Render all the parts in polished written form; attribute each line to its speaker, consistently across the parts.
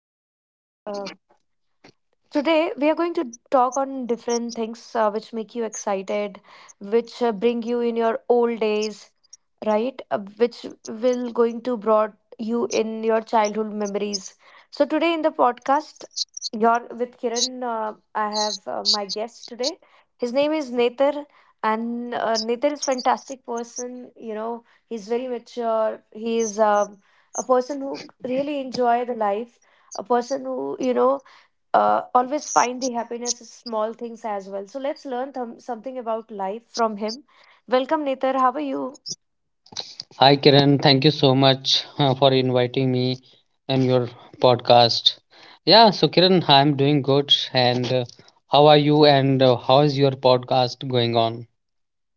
Speaker 1: Podcast. Today, we are going to talk on different things which make you excited, which bring you in your old days, right? Which will going to brought you in your childhood memories. So today in the podcast, you're with Kiran. I have my guest today. His name is Nether, and Nether is fantastic person. You know, he's very mature. He is a person who really enjoy the life. A person who you know always find the happiness in small things as well. So let's learn something about life from him. Welcome, Netar. How are you?
Speaker 2: Hi, Kiran. Thank you so much for inviting me in your podcast. Yeah, so Kiran, I'm doing good. And how are you? And how is your podcast going on?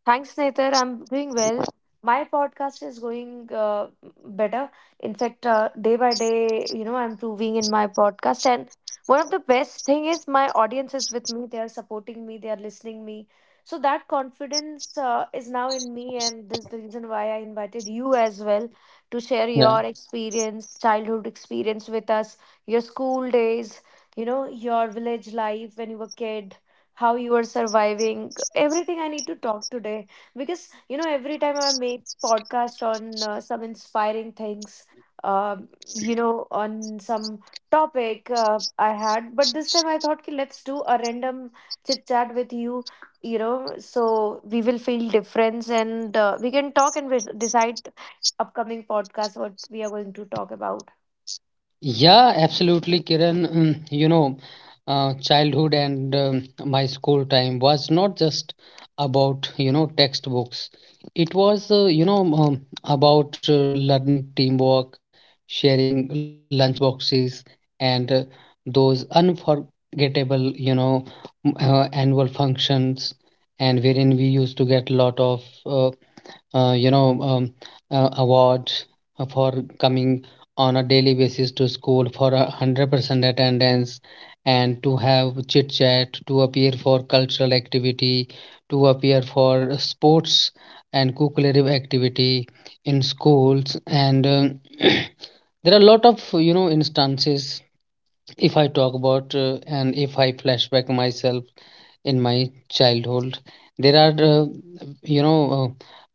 Speaker 1: Thanks, Nether. I'm doing well. My podcast is going better. In fact, day by day, you know, I'm improving in my podcast. And one of the best thing is my audience is with me. They are supporting me. They are listening me. So that confidence is now in me, and this is the reason why I invited you as well to share your experience, childhood experience with us, your school days, you know, your village life when you were kid, how you are surviving, everything I need to talk today, because you know every time I make podcast on some inspiring things um, you know, on some topic I had, but this time I thought ki, let's do a random chit chat with you, you know. So we will feel difference, and we can talk and we'll decide upcoming podcast what we are going to talk about.
Speaker 2: Yeah, absolutely, Kiran. You know, childhood and my school time was not just about, you know, textbooks. It was, you know, about learning teamwork, sharing lunch boxes, and those unforgettable, you know, annual functions, and wherein we used to get a lot of uh, you know um, awards for coming on a daily basis to school for 100% attendance, and to have chit chat, to appear for cultural activity, to appear for sports and co-creative activity in schools. And there are a lot of instances if I talk about, and if I flashback myself in my childhood. There are, you know, uh,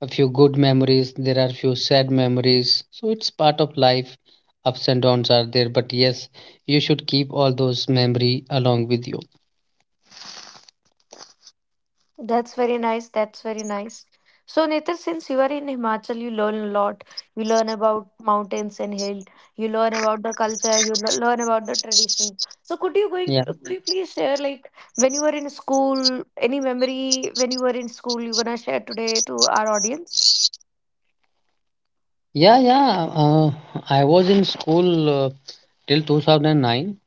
Speaker 2: a few good memories, there are few sad memories. So it's part of life. Ups and downs are there, but yes, you should keep all those memory along with you.
Speaker 1: That's very nice. That's very nice. So, Nitin, since you are in Himachal, you learn a lot. You learn about mountains and hill. You learn about the culture. You learn about the tradition. So, could you going?
Speaker 2: Yeah,
Speaker 1: Could you please share like when you were in school? Any memory when you were in school? You gonna share today to our audience?
Speaker 2: yeah, yeah. I was in school till 2009,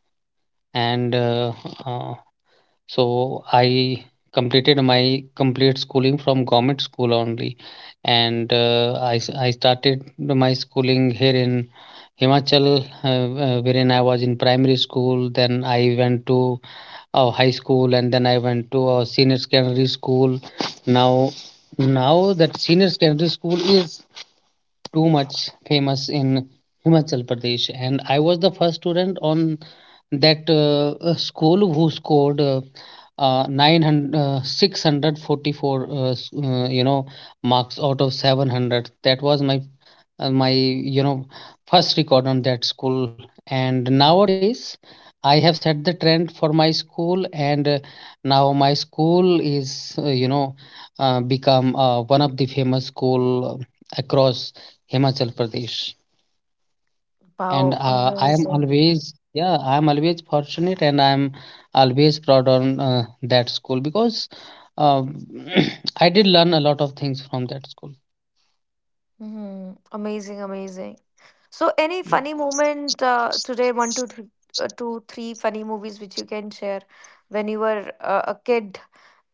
Speaker 2: and uh, so I completed my complete schooling from government school only, and I started my schooling here in Himachal, wherein I was in primary school, then I went to high school, and then I went to senior secondary school. Now, now that senior secondary school is too much famous in Himachal Pradesh, and I was the first student on that school who scored 900, 644 marks out of 700. That was my first record on that school. And nowadays, I have set the trend for my school, and now my school is become one of the famous school across Himachal Pradesh. And
Speaker 1: Wow,
Speaker 2: I am
Speaker 1: amazing!
Speaker 2: always, yeah, I am always fortunate and I am always proud on that school because um, I did learn a lot of things from that school.
Speaker 1: Amazing, amazing. So, any
Speaker 2: Yeah.
Speaker 1: funny moment today? One, two, two, three funny movies which you can share when you were a kid,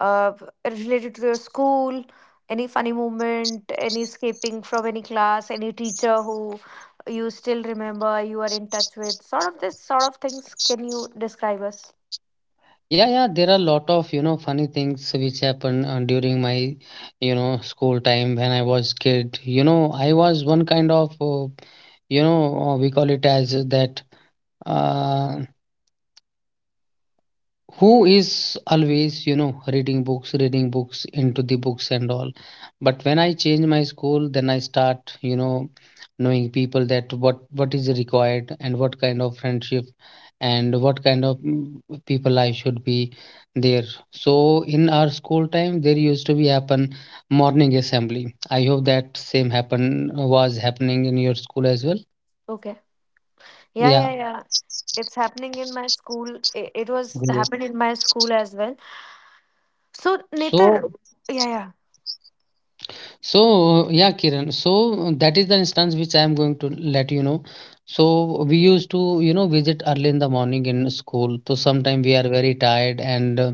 Speaker 1: uh, related to your school. Any funny moment? Any escaping from any class? Any teacher who you still remember? You are in touch with? Sort of this sort of things. Can you describe us?
Speaker 2: Yeah, yeah, there are a lot of, you know, funny things which happened during my, you know, school time when I was kid. You know, I was one kind of, you know, we call it as that. uh who is always reading books into the books and all. But when I change my school, then I start knowing people that what is required, and what kind of friendship, and what kind of people I should be there. So in our school time, there used to be happen morning assembly. I hope that same happen was happening in your school as well.
Speaker 1: Okay. Yeah,
Speaker 2: Yeah,
Speaker 1: yeah, yeah. It's happening in my school. It was
Speaker 2: great.
Speaker 1: happened in my school as well. So, Netar.
Speaker 2: So
Speaker 1: Yeah, yeah.
Speaker 2: So, yeah, Kiran. So, that is the instance which I am going to let you know. So, we used to, you know, visit early in the morning in school. So, sometimes we are very tired, and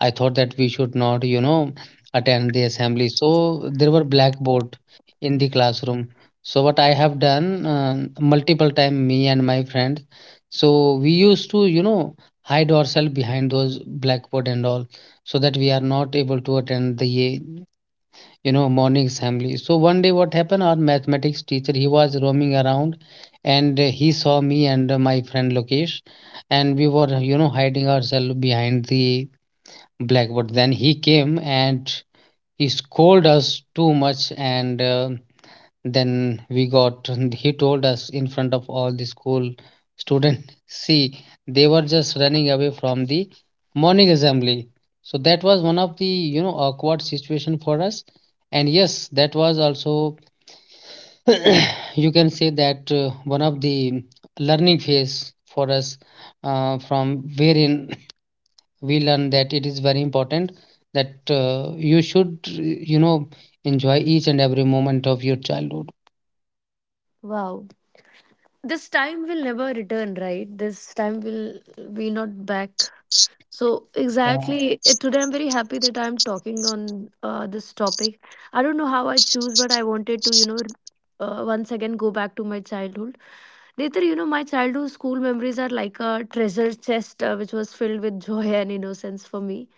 Speaker 2: I thought that we should not, you know, attend the assembly. So, there were blackboard in the classroom. So, what I have done multiple time, me and my friends. So, we used to, you know, hide ourselves behind those blackboard and all, so that we are not able to attend the morning assembly. So one day, what happened, our mathematics teacher, he was roaming around, and he saw me and my friend Lokesh, and we were hiding ourselves behind the blackboard. Then he came and he scolded us too much, and then we got, he told us in front of all the school student. See, they were just running away from the morning assembly. So that was one of the awkward situation for us, and yes, that was also you can say that one of the learning phase for us, from wherein we learn that it is very important that you should enjoy each and every moment of your childhood.
Speaker 1: Wow. This time will never return, right? This time will be not back. So
Speaker 2: Yeah.
Speaker 1: exactly, today I'm very happy that I'm talking on this topic. I don't know how I choose, but I wanted to, you know, once again go back to my childhood. Later, you know, my childhood school memories are like a treasure chest which was filled with joy and innocence for me.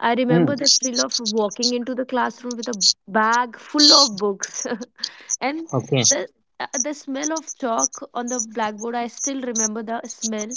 Speaker 1: I remember
Speaker 2: Mm.
Speaker 1: the thrill of walking into the classroom with a bag full of books and the the smell of chalk on the blackboard. I still remember the smell,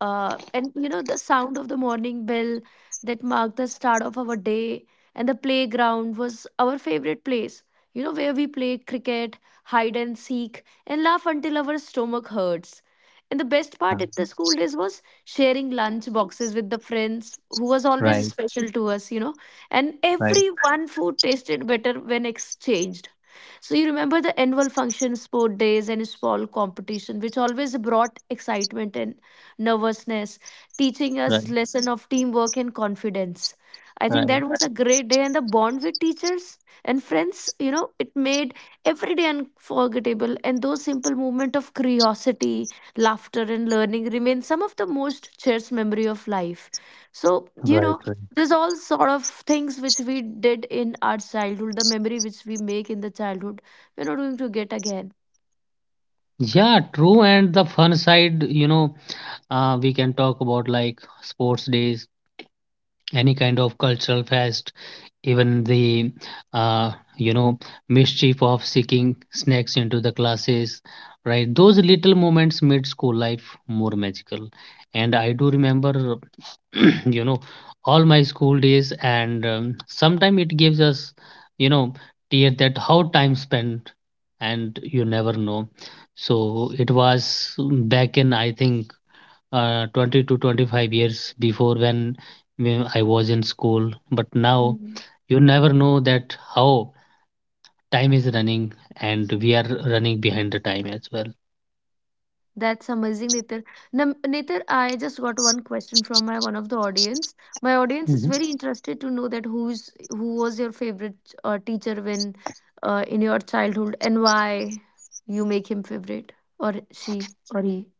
Speaker 1: and you know the sound of the morning bell that marked the start of our day, and the playground was our favorite place, you know, where we play cricket, hide and seek, and laugh until our stomach hurts. And the best part
Speaker 2: Yeah,
Speaker 1: at the school days was sharing lunch boxes with the friends, who was always
Speaker 2: right,
Speaker 1: special to us, you know, and
Speaker 2: right,
Speaker 1: every one food tasted better when exchanged. So you remember the annual function, sport days, and small competition, which always brought excitement and nervousness, teaching us
Speaker 2: right,
Speaker 1: lesson of teamwork and confidence. I think that
Speaker 2: right,
Speaker 1: was a great day, and the bond with teachers and friends, you know, it made every day unforgettable. And those simple moment of curiosity, laughter, and learning remain some of the most cherished memory of life. So you
Speaker 2: right,
Speaker 1: know
Speaker 2: right.
Speaker 1: there's all sort of things which we did in our childhood, the memory which we make in the childhood we're not going to get again.
Speaker 2: Yeah, true. And the fun side, you know, we can talk about like sports days, any kind of cultural fest, even the uh, you know mischief of seeking snacks into the classes, right? Those little moments made school life more magical. And I do remember, you know, all my school days, and sometimes it gives us, you know, tear that how time spent, and you never know. So it was back in, I think, 20 to 25 years before, when I was in school. But now
Speaker 1: Mhm.
Speaker 2: you never know that how time is running, and we are running behind the time as well.
Speaker 1: That's amazing, Nitar. Nitar, I just got one question from my one of the audience. My audience is
Speaker 2: Mhm.
Speaker 1: very interested to know that who was your favorite teacher when in your childhood, and why you make him favorite, or she, or he.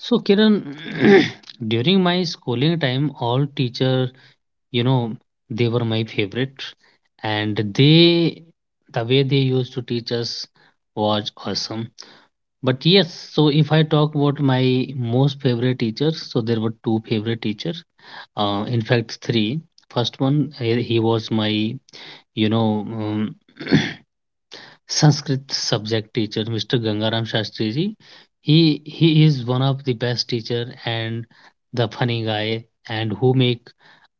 Speaker 2: So, Kiran, during my schooling time, all teacher, you know, they were my favorite, and they, the way they used to teach us was awesome. But yes, so if I talk about my most favorite teachers, so there were two favorite teachers. In fact, three. First one, he was my, you know, Sanskrit subject teacher, Mr. Gangaram Shastri ji. He is one of the best teacher and the funny guy, and who make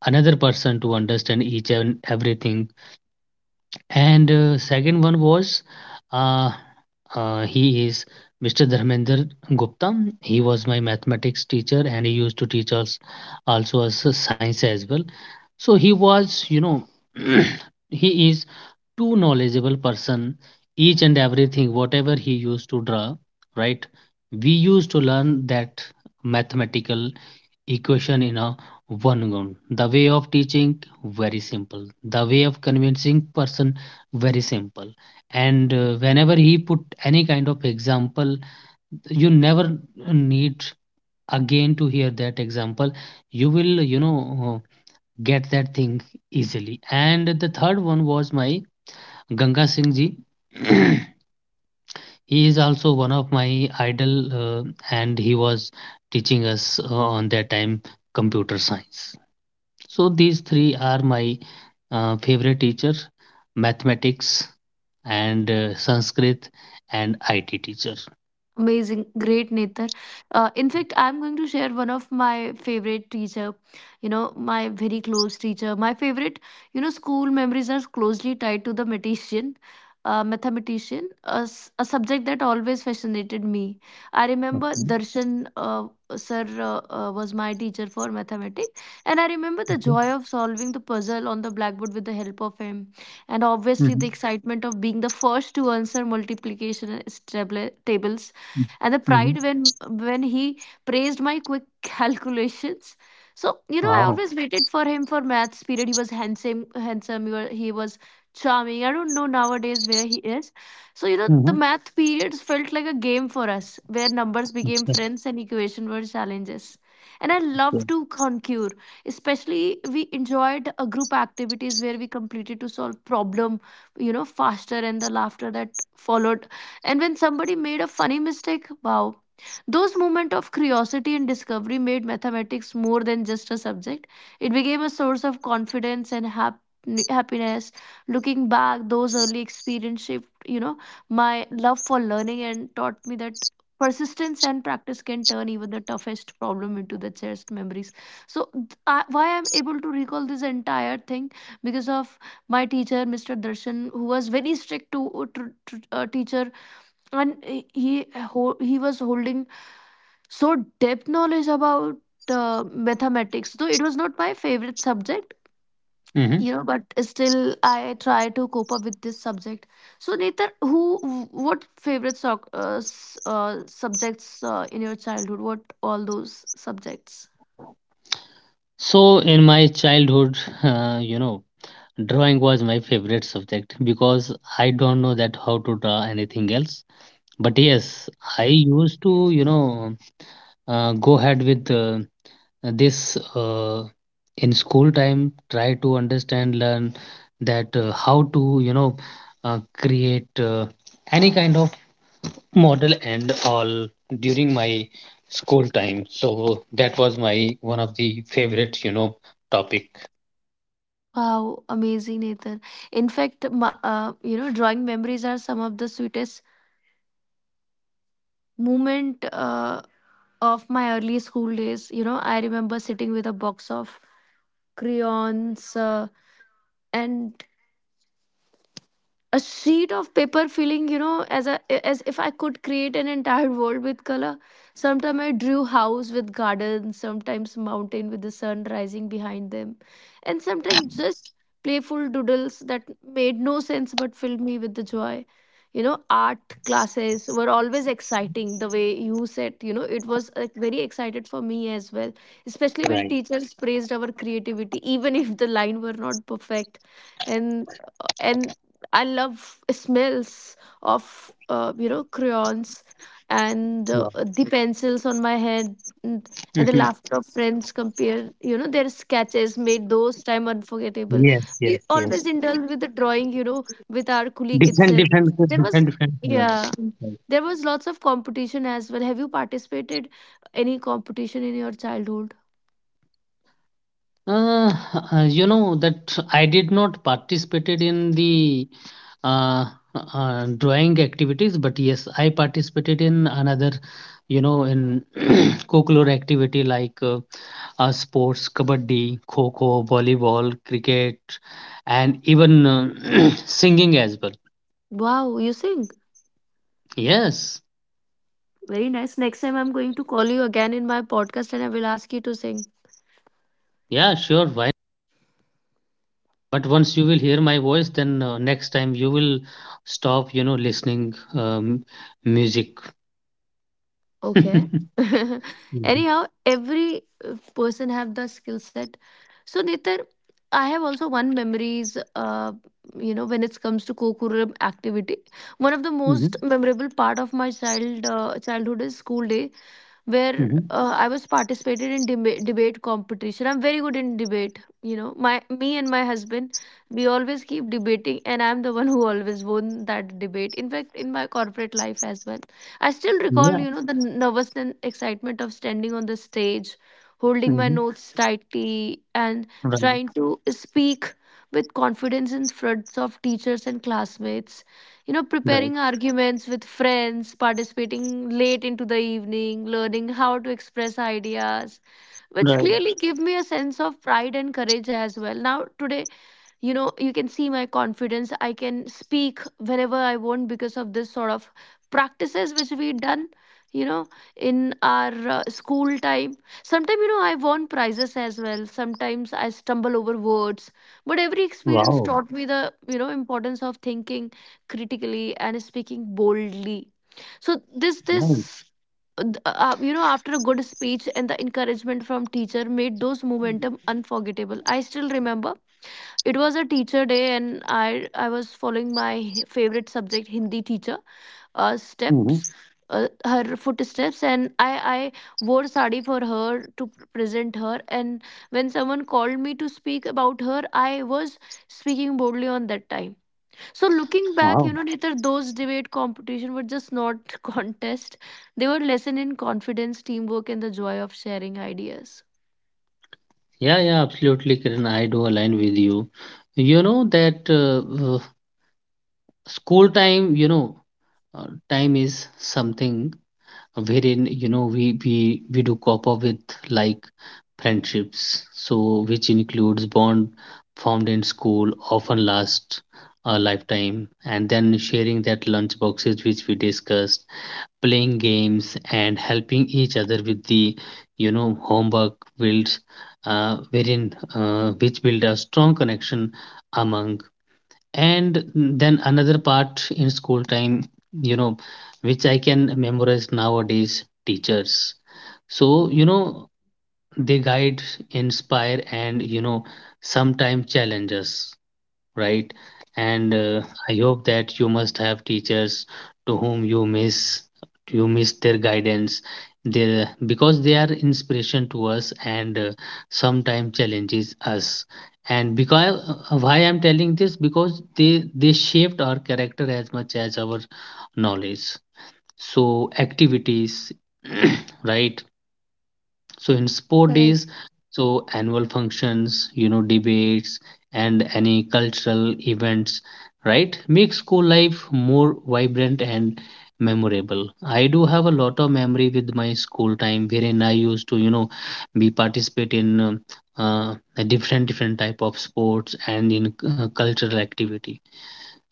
Speaker 2: another person to understand each and everything. And second one was, uh, he is Mr. Dharmender Gupta. He was my mathematics teacher and he used to teach us also as a science as well. So he was, you know, he is too knowledgeable person. Each and everything, whatever he used to draw, right? We used to learn that mathematical equation in a one gun. The way of teaching very simple. The way of convincing person very simple. And whenever he put any kind of example, you never need again to hear that example. You will get that thing easily. And the third one was my Ganga Singh ji. He is also one of my idol, and he was teaching us on that time computer science. So these three are my favorite teacher, mathematics and Sanskrit and IT teacher.
Speaker 1: Amazing, great Netar. In fact, I'm going to share one of my favorite teacher. You know, my very close teacher. My favorite, you know, school memories are closely tied to the mathematician, a subject that always fascinated me. I remember
Speaker 2: Okay.
Speaker 1: Darshan, sir, was my teacher for mathematics, and I remember the
Speaker 2: Okay.
Speaker 1: joy of solving the puzzle on the blackboard with the help of him, and obviously
Speaker 2: Mm-hmm.
Speaker 1: the excitement of being the first to answer multiplication tables, and the
Speaker 2: Mm-hmm.
Speaker 1: pride when he praised my quick calculations. So you know, I
Speaker 2: Wow.
Speaker 1: always waited for him for maths period. He was handsome, handsome. He was charming. I don't know nowadays where he is. So you know, the
Speaker 2: Mm-hmm.
Speaker 1: math periods felt like a game for us, where numbers became
Speaker 2: That's
Speaker 1: friends and equation were challenges. And I
Speaker 2: good.
Speaker 1: love to conquer. Especially, we enjoyed a group activities where we completed to solve problem, you know, faster, and the laughter that followed, and when somebody made a funny mistake, wow. Those moments of curiosity and discovery made mathematics more than just a subject. It became a source of confidence and happiness. Looking back, those early experiences shaped, you know, my love for learning and taught me that persistence and practice can turn even the toughest problem into the cherished memories. So, why I'm able to recall this entire thing because of my teacher, Mr. Darshan, who was very strict teacher, and he was holding so depth knowledge about mathematics, though it was not my favorite subject,
Speaker 2: Hmm.
Speaker 1: you know, but still I try to cope up with this subject. So Netar, who what favorite subjects in your childhood, what all those subjects?
Speaker 2: So in my childhood, you know, drawing was my favorite subject because I don't know that how to draw anything else. But yes, I used to, you know, go ahead with this in school time, try to understand, learn that how to create any kind of model and all during my school time. So that was my one of the favorite, topic.
Speaker 1: Wow, amazing Netar. In fact, you know drawing memories are some of the sweetest moment of my early school days. You know, I remember sitting with a box of crayons, and a sheet of paper, feeling, you know, as a, as if I could create an entire world with color. Sometimes I drew house with gardens, sometimes mountain with the sun rising behind them, and sometimes just playful doodles that made no sense but filled me with the joy. You know, art classes were always exciting. The way you said, you know, it was like, very excited for me as well, especially when
Speaker 2: Right.
Speaker 1: teachers praised our creativity, even if the line were not perfect. and and I love smells of you know crayons, and
Speaker 2: Wow.
Speaker 1: the pencils on my head, and, and the
Speaker 2: Mhm.
Speaker 1: laughter of friends compare, you know, their sketches made those time unforgettable.
Speaker 2: Yes,
Speaker 1: We
Speaker 2: yes, yes,
Speaker 1: always indulge with the drawing, you know, with our colleague
Speaker 2: different,
Speaker 1: itself.
Speaker 2: different,
Speaker 1: There was,
Speaker 2: different, different colors.
Speaker 1: yeah,
Speaker 2: Right.
Speaker 1: there was lots of competition as well. Have you participated any competition in your childhood?
Speaker 2: Uh, you know that I did not participated in the uh, drawing activities, but yes, I participated in another, you know, in folklore activity like sports, kabaddi, kho-kho, volleyball, cricket, and even singing as well.
Speaker 1: Wow, you sing?
Speaker 2: Yes,
Speaker 1: Very nice. Next time I'm going to call you again in my podcast and I will ask you to sing.
Speaker 2: yeah, sure. Why? But once you will hear my voice, then next time you will stop, you know, listening music.
Speaker 1: Okay.
Speaker 2: Mhm,
Speaker 1: Anyhow, every person have the skill set. So Nitar, I have also one memories. You know, when it comes to co Kokuram activity, one of the most
Speaker 2: mhm,
Speaker 1: memorable part of my childhood is school day, where
Speaker 2: mhm.
Speaker 1: I was participated in debate competition. I'm very good in debate. You know, my me and my husband, we always keep debating, and I'm the one who always won that debate. In fact, in my corporate life as well, I still recall, you
Speaker 2: Yeah.
Speaker 1: know, the nervous and excitement of standing on the stage, holding my
Speaker 2: Mhm.
Speaker 1: notes tightly, and
Speaker 2: Right.
Speaker 1: trying to speak with confidence in front of teachers and classmates, you know, preparing
Speaker 2: Right.
Speaker 1: arguments with friends, participating late into the evening, learning how to express ideas, which
Speaker 2: Right.
Speaker 1: clearly give me a sense of pride and courage as well. Now, today, you can see my confidence. I can speak whenever I want because of this sort of practices which we done, you know in our school time. Sometimes, you know, I won prizes as well, sometimes I stumble over words, but every experience
Speaker 2: Wow.
Speaker 1: taught me the, importance of thinking critically and speaking boldly. so this this
Speaker 2: Right.
Speaker 1: uh, th- uh, uh, after a good speech and the encouragement from teacher made those momentum unforgettable. I still remember it was a teacher day, and I was following my favorite subject Hindi teacher,
Speaker 2: Mhm.
Speaker 1: steps, her footsteps, and I wore sari for her to present her, and when someone called me to speak about her, I was speaking boldly on that time. So, looking back,
Speaker 2: Wow.
Speaker 1: you know, neither those debate competition were just not contest, they were lesson in confidence, teamwork, and the joy of sharing ideas.
Speaker 2: Yeah, yeah, absolutely, Kiran. I do align with you. You know that school time, you know, time is something wherein, you know, we do cope up with like friendships. So which includes bond formed in school often last a lifetime, and then sharing that lunch boxes which we discussed, playing games and helping each other with the homework builds, wherein, which build a strong connection among. And then another part in school time, you know, which I can memorize nowadays, teachers, so you
Speaker 1: Hmm.
Speaker 2: know, they guide, inspire and, you know, sometimes challenge us, right? And
Speaker 1: Hmm.
Speaker 2: I hope that you must have teachers to whom you miss, their guidance, their, because they are inspiration to us, and sometimes challenges us, and because why I'm telling this, because they shaped our character as much as our knowledge. So activities, right, so in sport
Speaker 1: Correct.
Speaker 2: days, so annual functions, you know, debates and any cultural events, right? Make school life more vibrant and memorable. I do have a lot of memory with my school time wherein I used to, you know, be participate in a different different type of sports and in cultural activity.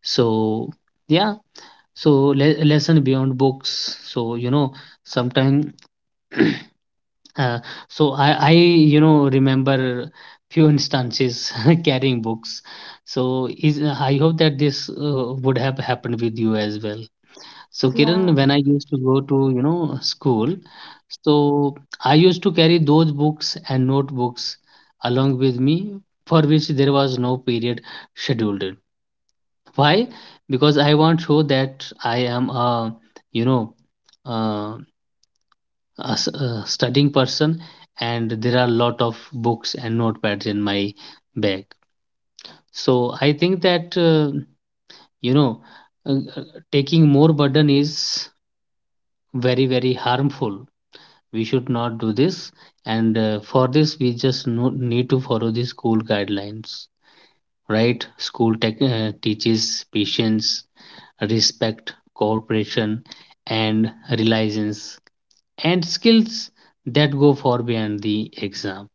Speaker 2: So yeah, so lesson beyond books. So you know, sometimes Uh, so I, you know, remember few instances carrying books. So is I hope that this would have happened with you as well. So
Speaker 1: Yeah.
Speaker 2: Kiran, when I used to go to, school, so I used to carry those books and notebooks along with me for which there was no period scheduled. Why? Because I want to show that I am a, you know, uh, a studying person and there are a lot of books and notepads in my bag so I think that you know uh, uh, taking more burden is very harmful. We should not do this, and for this we just need to follow the school guidelines, right? School tech teaches patience, respect, cooperation, and reliance, and skills that go far beyond the exam.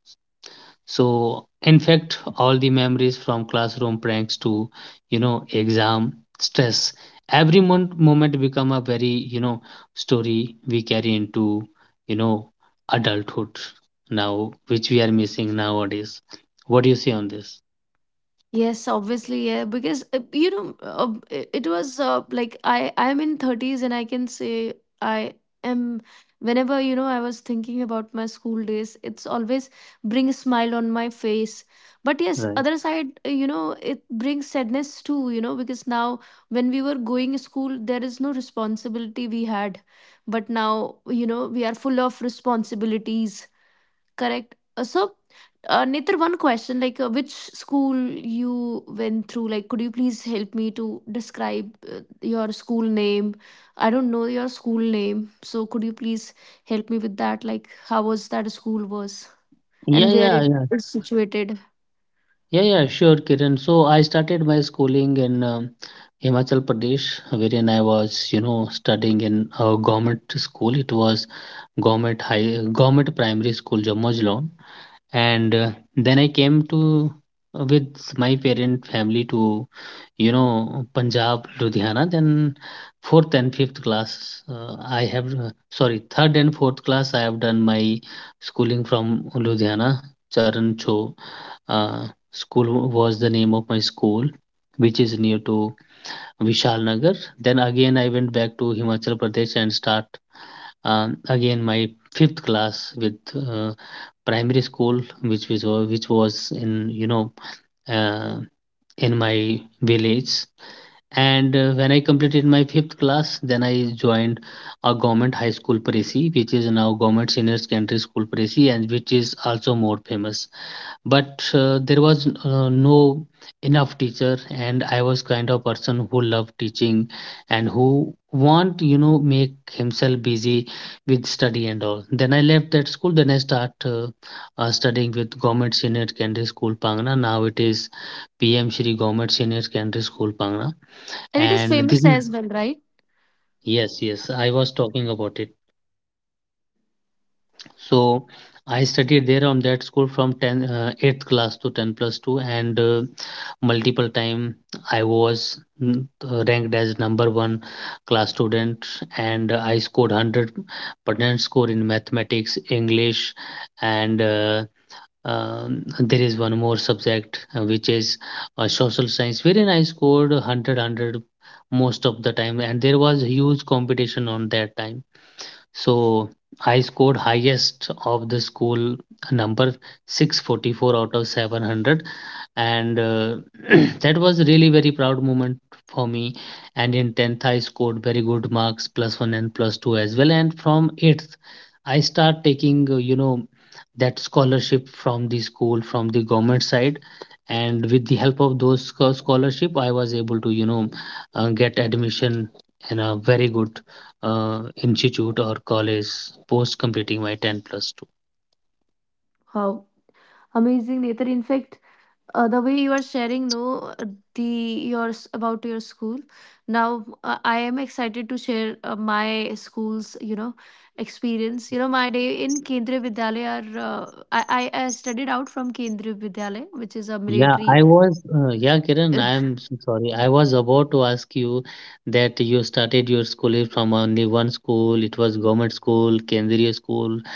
Speaker 2: So, in fact, all the memories from classroom pranks to, exam stress, every moment become a very, you know, story we carry into, you know, adulthood now, which we are missing nowadays. What do you say on this?
Speaker 1: Yes, obviously, yeah, because you know, it was like I'm in 30s and I can say I am. Whenever, you know, I was thinking about my school days, it's always bring a smile on my face. But yes,
Speaker 2: Right.
Speaker 1: other side, you know, it brings sadness too, you know, because now when we were going to school, there is no responsibility we had, but now, you know, we are full of responsibilities. Correct. So, Nitar, one question like, which school you went through? Like, could you please help me to describe your school name? I don't know your school name. So, could you please help me with that? Like, how was that school was and
Speaker 2: Yeah,
Speaker 1: where it
Speaker 2: yeah, yeah.
Speaker 1: is situated?
Speaker 2: Yeah, yeah, sure, Kiran. So I started my schooling in Himachal Pradesh, wherein I was, studying in a government school. It was government high government primary school Jamojlon, and then I came to with my parent family to Punjab Ludhiana. Then fourth and fifth class I have sorry, third and fourth class I have done my schooling from Ludhiana. Charan Cho school was the name of my school, which is near to Vishal Nagar. Then again I went back to Himachal Pradesh and again my fifth class with uh, primary school which was in uh, in my village. And when I completed my fifth class, then I joined a government high school Paresi, which is now government senior secondary school Paresi, and which is also more famous. But there was no enough teacher, and I was kind of person who loved teaching and who want make himself busy with study and all. Then I left that school. Then I start studying with Government Senior Secondary School Pangna. Now it is PM Shri Government Senior Secondary School Pangna,
Speaker 1: And it is
Speaker 2: and this
Speaker 1: famous
Speaker 2: is,
Speaker 1: as well, right?
Speaker 2: yes, yes. I was talking about it. So I studied there on that school from 8th class to 10 plus 2, and multiple time I was ranked as number one class student, and I scored 100% score in mathematics, English, and there is one more subject which is social science, wherein I scored 100 most of the time. And there was huge competition on that time, so I scored highest of the school number 644 out of 700. And that was really very proud moment for me. And in 10th I scored very good marks, plus 1 and plus 2 as well. And from 8th I start taking that scholarship from the school, from the government side. And with the help of those scholarship I was able to get admission in a very good institute or college post completing my 10 plus 2.
Speaker 1: How amazing, Nitar. In fact, the way you are sharing, no, uh, the yours about your school now, I am excited to share my school's, you know, experience. You know, my day in Kendriya Vidyalaya are, uh, I studied out from Kendriya Vidyalaya, which is a
Speaker 2: Yeah,
Speaker 1: military
Speaker 2: I was yeah, Kiran, I am so sorry, I was about to ask you that you started your schooling from only one school. It was government school, kendriya school,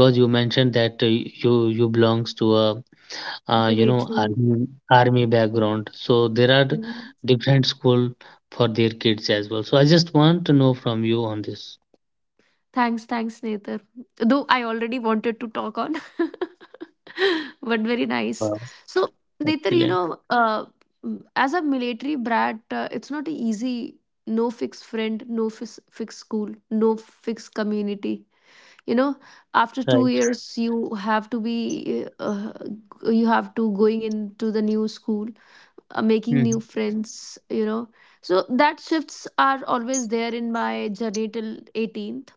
Speaker 2: because you mentioned that you you belongs to a you know
Speaker 1: military.
Speaker 2: army army background, so there are different school for their kids as well. So I just want to know from you on this.
Speaker 1: Thanks Netar. Though I already wanted to talk on but very nice.
Speaker 2: Wow.
Speaker 1: So, Netar, you
Speaker 2: Excellent.
Speaker 1: know, as a military brat, it's not easy. No fixed friend, fixed school, no fixed community. You know, after two
Speaker 2: Right.
Speaker 1: years, you have to be, you have to going into the new school, making new
Speaker 2: Mhm.
Speaker 1: friends. You know, so that shifts are always there in my journey till 18th.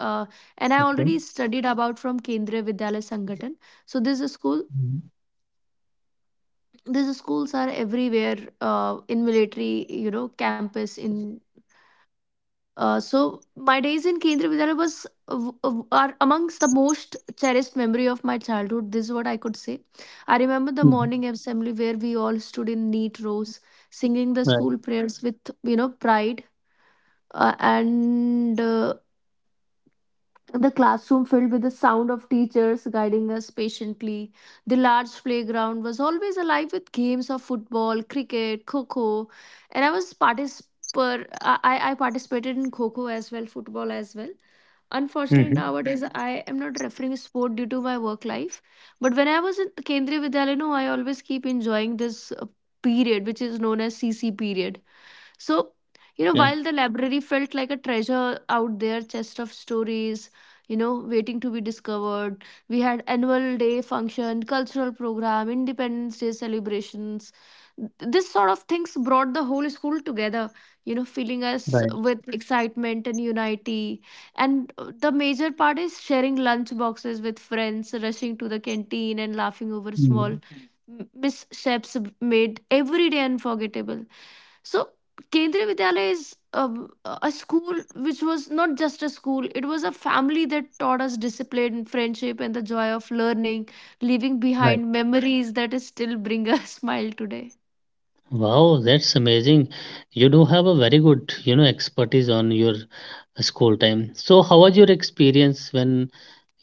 Speaker 1: Uh, and I
Speaker 2: Okay.
Speaker 1: already studied about from Kendriya Vidyalaya Sangathan. So this is a school,
Speaker 2: Mm-hmm.
Speaker 1: these schools are everywhere in military, you know, campus in, so my days in Kendriya Vidyalaya was are amongst the most cherished memory of my childhood. This is what I could say. I remember the
Speaker 2: Mhm.
Speaker 1: morning assembly where we all stood in neat rows, singing the
Speaker 2: Right.
Speaker 1: school prayers with, you know, pride, and the classroom filled with the sound of teachers guiding us patiently. The large playground was always alive with games of football, cricket, kho kho, and I was particip- I participated in kho kho as well, football as well. Unfortunately,
Speaker 2: Mhm.
Speaker 1: nowadays Mhm. I am not referring sport due to my work life. But when I was in Kendriya Vidyalaya, no, I always keep enjoying this period, which is known as CC period. So, you know,
Speaker 2: Yeah.
Speaker 1: while the library felt like a treasure out there, chest of stories, you know, waiting to be discovered, we had annual day function, cultural program, Independence Day celebrations. This sort of things brought the whole school together, you know, filling us
Speaker 2: Right.
Speaker 1: with excitement and unity. And the major part is sharing lunch boxes with friends, rushing to the canteen and laughing over small
Speaker 2: Mhm.
Speaker 1: missteps made every day unforgettable. So Kendriya Vidyalaya is, a school which was not just a school; it was a family that taught us discipline, friendship, and the joy of learning, leaving
Speaker 2: Right.
Speaker 1: behind memories that still bring a smile today.
Speaker 2: Wow, that's amazing. You do have a very good, you know, expertise on your school time. So, how was your experience when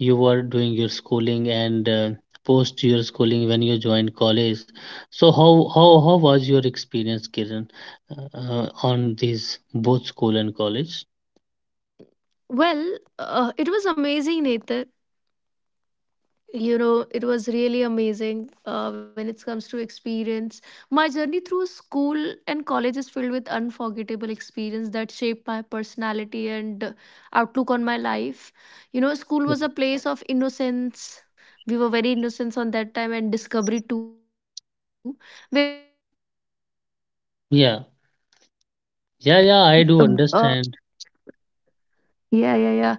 Speaker 2: you were doing your schooling, and post your schooling when you joined college? So, how was your experience, Kiran, on these both school and college?
Speaker 1: Well, it was amazing, Nathan. You know, it was really amazing when it comes to experience. My journey through school and college is filled with unforgettable experience that shaped my personality and outlook on my life. You know, school was a place of innocence. We were very innocent on that time and discovery too.
Speaker 2: Yeah. Yeah, yeah, I do
Speaker 1: Um, Uh,
Speaker 2: understand.
Speaker 1: yeah, yeah, yeah.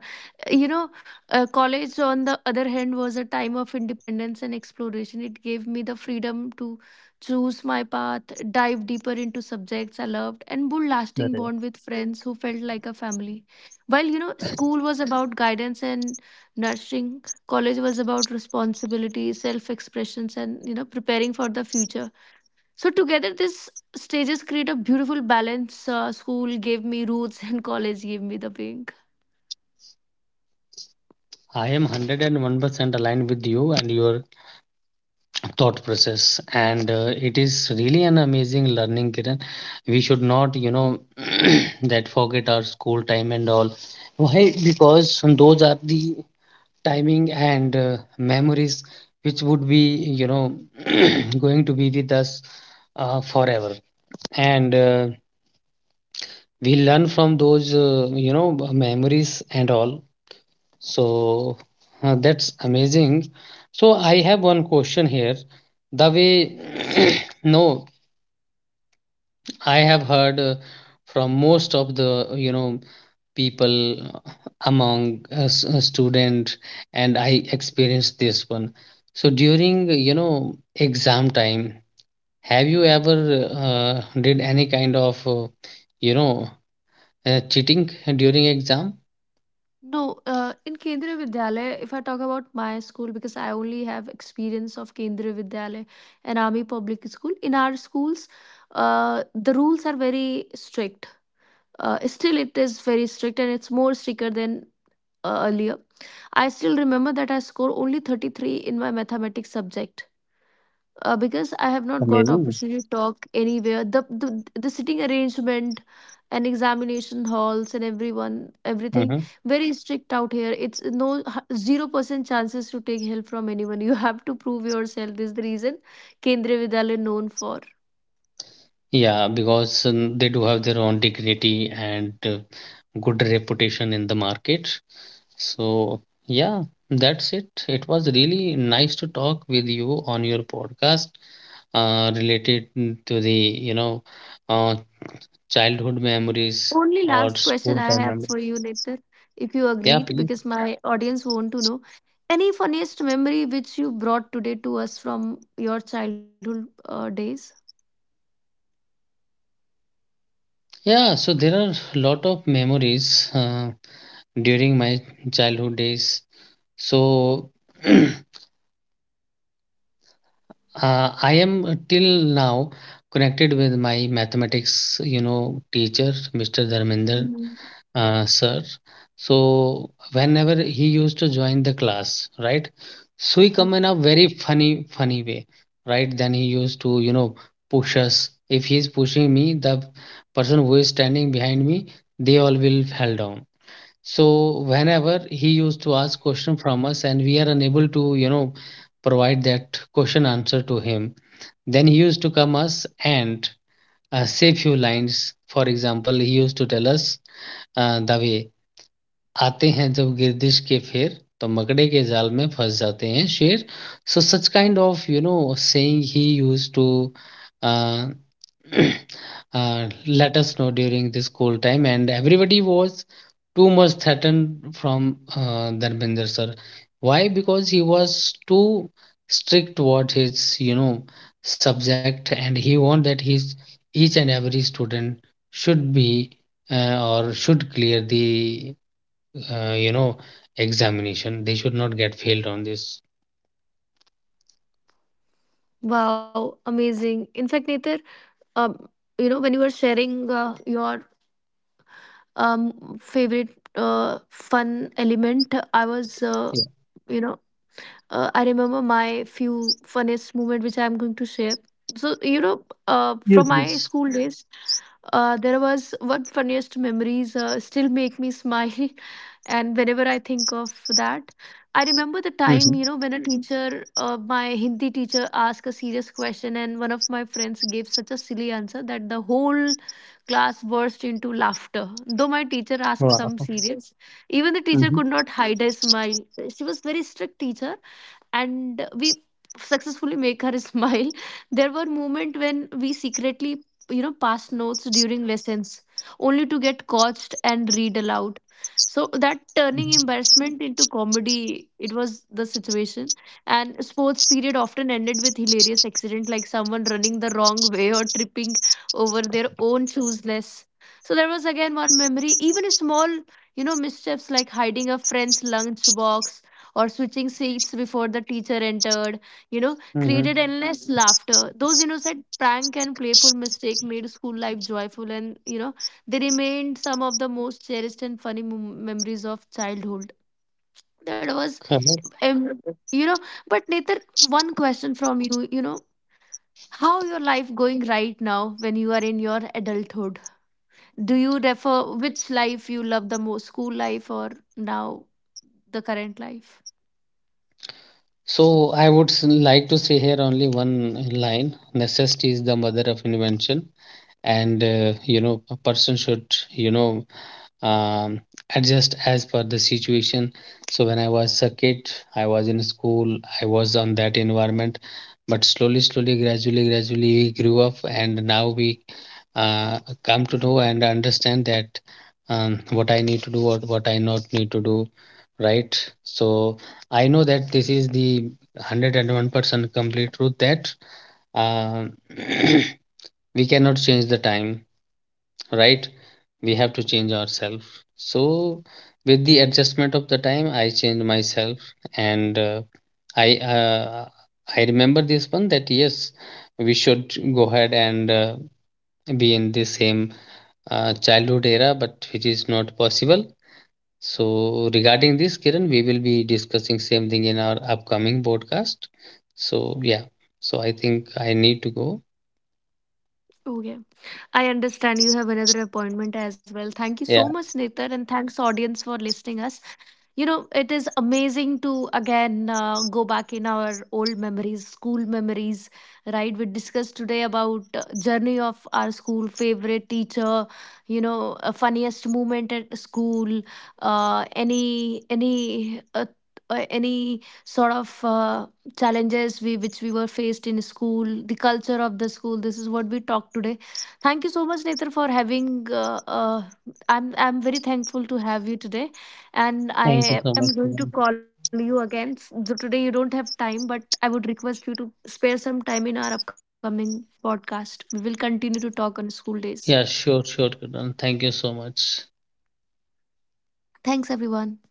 Speaker 1: You know, college, on the other hand, was a time of independence and exploration. It gave me the freedom to choose my path, dive deeper into subjects I loved, and build
Speaker 2: That,
Speaker 1: lasting bond with friends who felt like a family. While, you know, school was about guidance and nurturing, college was about responsibility, self expressions, and, you know, preparing for the future. So, together, these stages create a beautiful balance. School gave me roots, and college gave me the wing.
Speaker 2: I am 101% aligned with you and your thought process, and it is really an amazing learning, Kiran. We should not, you know, that forget our school time and all. Why? Because those are the timing and memories which would be, you know, going to be with us forever. And we learn from those memories and all. So that's amazing. So I have one question here. The way
Speaker 1: Mm,
Speaker 2: no, I have heard from most of the you know people, among us student, and I experienced this one. So during you know exam time, have you
Speaker 1: mhm.
Speaker 2: ever did any kind of you know cheating during exam?
Speaker 1: No, in Kendriya Vidyalaya, if I talk about my school, because I only have experience of Kendriya Vidyalaya and Army Public School, in our schools, the rules are very strict. Still, it is very strict and it's more stricter than earlier. I still remember that I score only 33 in my mathematics subject because
Speaker 2: Wow,
Speaker 1: I have
Speaker 2: that's
Speaker 1: not got
Speaker 2: amazing.
Speaker 1: opportunity to talk anywhere. The sitting arrangement and examination halls and everyone everything very strict out here. It's no 0% chances to take help from anyone. You have to prove yourself. This is the reason Kendriya Vidyalaya known for.
Speaker 2: Yeah, because they do have their own dignity and good reputation in the market. So, yeah, that's it. It was really nice to talk with you on your podcast related to the, you know, uh, childhood memories
Speaker 1: Only
Speaker 2: or
Speaker 1: last question
Speaker 2: school
Speaker 1: I
Speaker 2: time
Speaker 1: have
Speaker 2: memories.
Speaker 1: for you, Netar, if you
Speaker 2: Yeah,
Speaker 1: agreed,
Speaker 2: please.
Speaker 1: because my audience want to know. Any funniest memory which you brought today to us from your childhood days?
Speaker 2: Yeah, so there are a lot of memories during my childhood days. So, I am till now connected with my mathematics, you know, teacher, Mr. Dharminder, sir. So whenever he used to join the class, right? So he come in
Speaker 1: Mm.
Speaker 2: a very funny way, right? Then he used to, you know, push us. If he is pushing me, the person who is standing behind me, they all will fall down. So whenever he used to ask question from us and we are unable to, you know, provide that question answer to him, then he used to come us and say few lines. For example, he used to tell us the way. आते हैं जब गिरदिश के फेर तो मकड़े के जाल में फंस जाते हैं शेर so such kind of you know saying he use to let us know during this cold time, and everybody was too much threatened from Dharmender sir. Why? Because he was too strict toward his you know subject, and he want that his each and every student should be or should clear the uh, you know examination. They should not get failed on this.
Speaker 1: Wow, amazing. In fact, Nether, um, you know, when you were sharing your favorite fun element, I was
Speaker 2: Yeah.
Speaker 1: you know, I remember my few funniest moment which I'm going to share. So you know,
Speaker 2: Yes,
Speaker 1: from
Speaker 2: please.
Speaker 1: my school days, there was one funniest memories still make me smile, and whenever I think of that, I remember the
Speaker 2: Mhm.
Speaker 1: time, you know, when a Mhm. teacher, my Hindi teacher, asked a serious question, and one of my friends gave such a silly answer that the whole class burst into laughter. Though my teacher asked some
Speaker 2: Wow.
Speaker 1: serious, even the teacher
Speaker 2: Mhm.
Speaker 1: could not hide a smile. She was very strict teacher, and we successfully make her smile. There were moments when we secretly, you know, passed notes during lessons only to get coached and read aloud, so that turning embarrassment into comedy, it was the situation. And sports period often ended with hilarious accident like someone running the wrong way or tripping over their own shoesless. So there was again one memory. Even a small, you know, mischiefs like hiding a friend's lunchbox or switching seats before the teacher entered, you know,
Speaker 2: Mhm.
Speaker 1: created endless Mhm. laughter. Those innocent prank and playful mistake made school life joyful and, you know, they remained some of the most cherished and funny memories of childhood. That was,
Speaker 2: Correct.
Speaker 1: um, you know, but Netar, one question from you, you know, how your life going right now when you are in your adulthood? Do you refer which life you love the most, school life or now the current life?
Speaker 2: So I would like to say here only one line. Necessity is the mother of invention, and you know a person should, you know, um, adjust as per the situation. So when I was a kid, I was in school, I was on that environment. But slowly, gradually, we grew up, and now we come to know and understand that what I need to do or what I not need to do, right? So I know that this is the 101% complete truth that uh, we cannot change the time, right? We have to change ourselves. So with the adjustment of the time I changed myself. And i uh, I remember this one that yes, we should go ahead and be in the same childhood era, but which is not possible. So regarding this, Kiran, we will be discussing same thing in our upcoming podcast. So yeah, so I think I need to go.
Speaker 1: Okay. I understand you have another appointment as well. Thank you so
Speaker 2: Yeah,
Speaker 1: much, Netar, and thanks audience for listening us. You know, it is amazing to again go back in our old memories, school memories. Right, we discussed today about journey of our school favorite teacher, you know, funniest moment at school, uh, any any uh, any sort of challenges which we were faced in school, the culture of the school. This is what we talked today. Thank you so much Netar for having, uh, I'm very thankful to have you today, and
Speaker 2: thank you
Speaker 1: I
Speaker 2: so much,
Speaker 1: am going
Speaker 2: Kiran.
Speaker 1: to call you again. So today you don't have time, but I would request you to spare some time in our upcoming podcast. We will continue to talk on school days.
Speaker 2: Yeah, sure, sure, Kiran. Thank you so much.
Speaker 1: Thanks, everyone.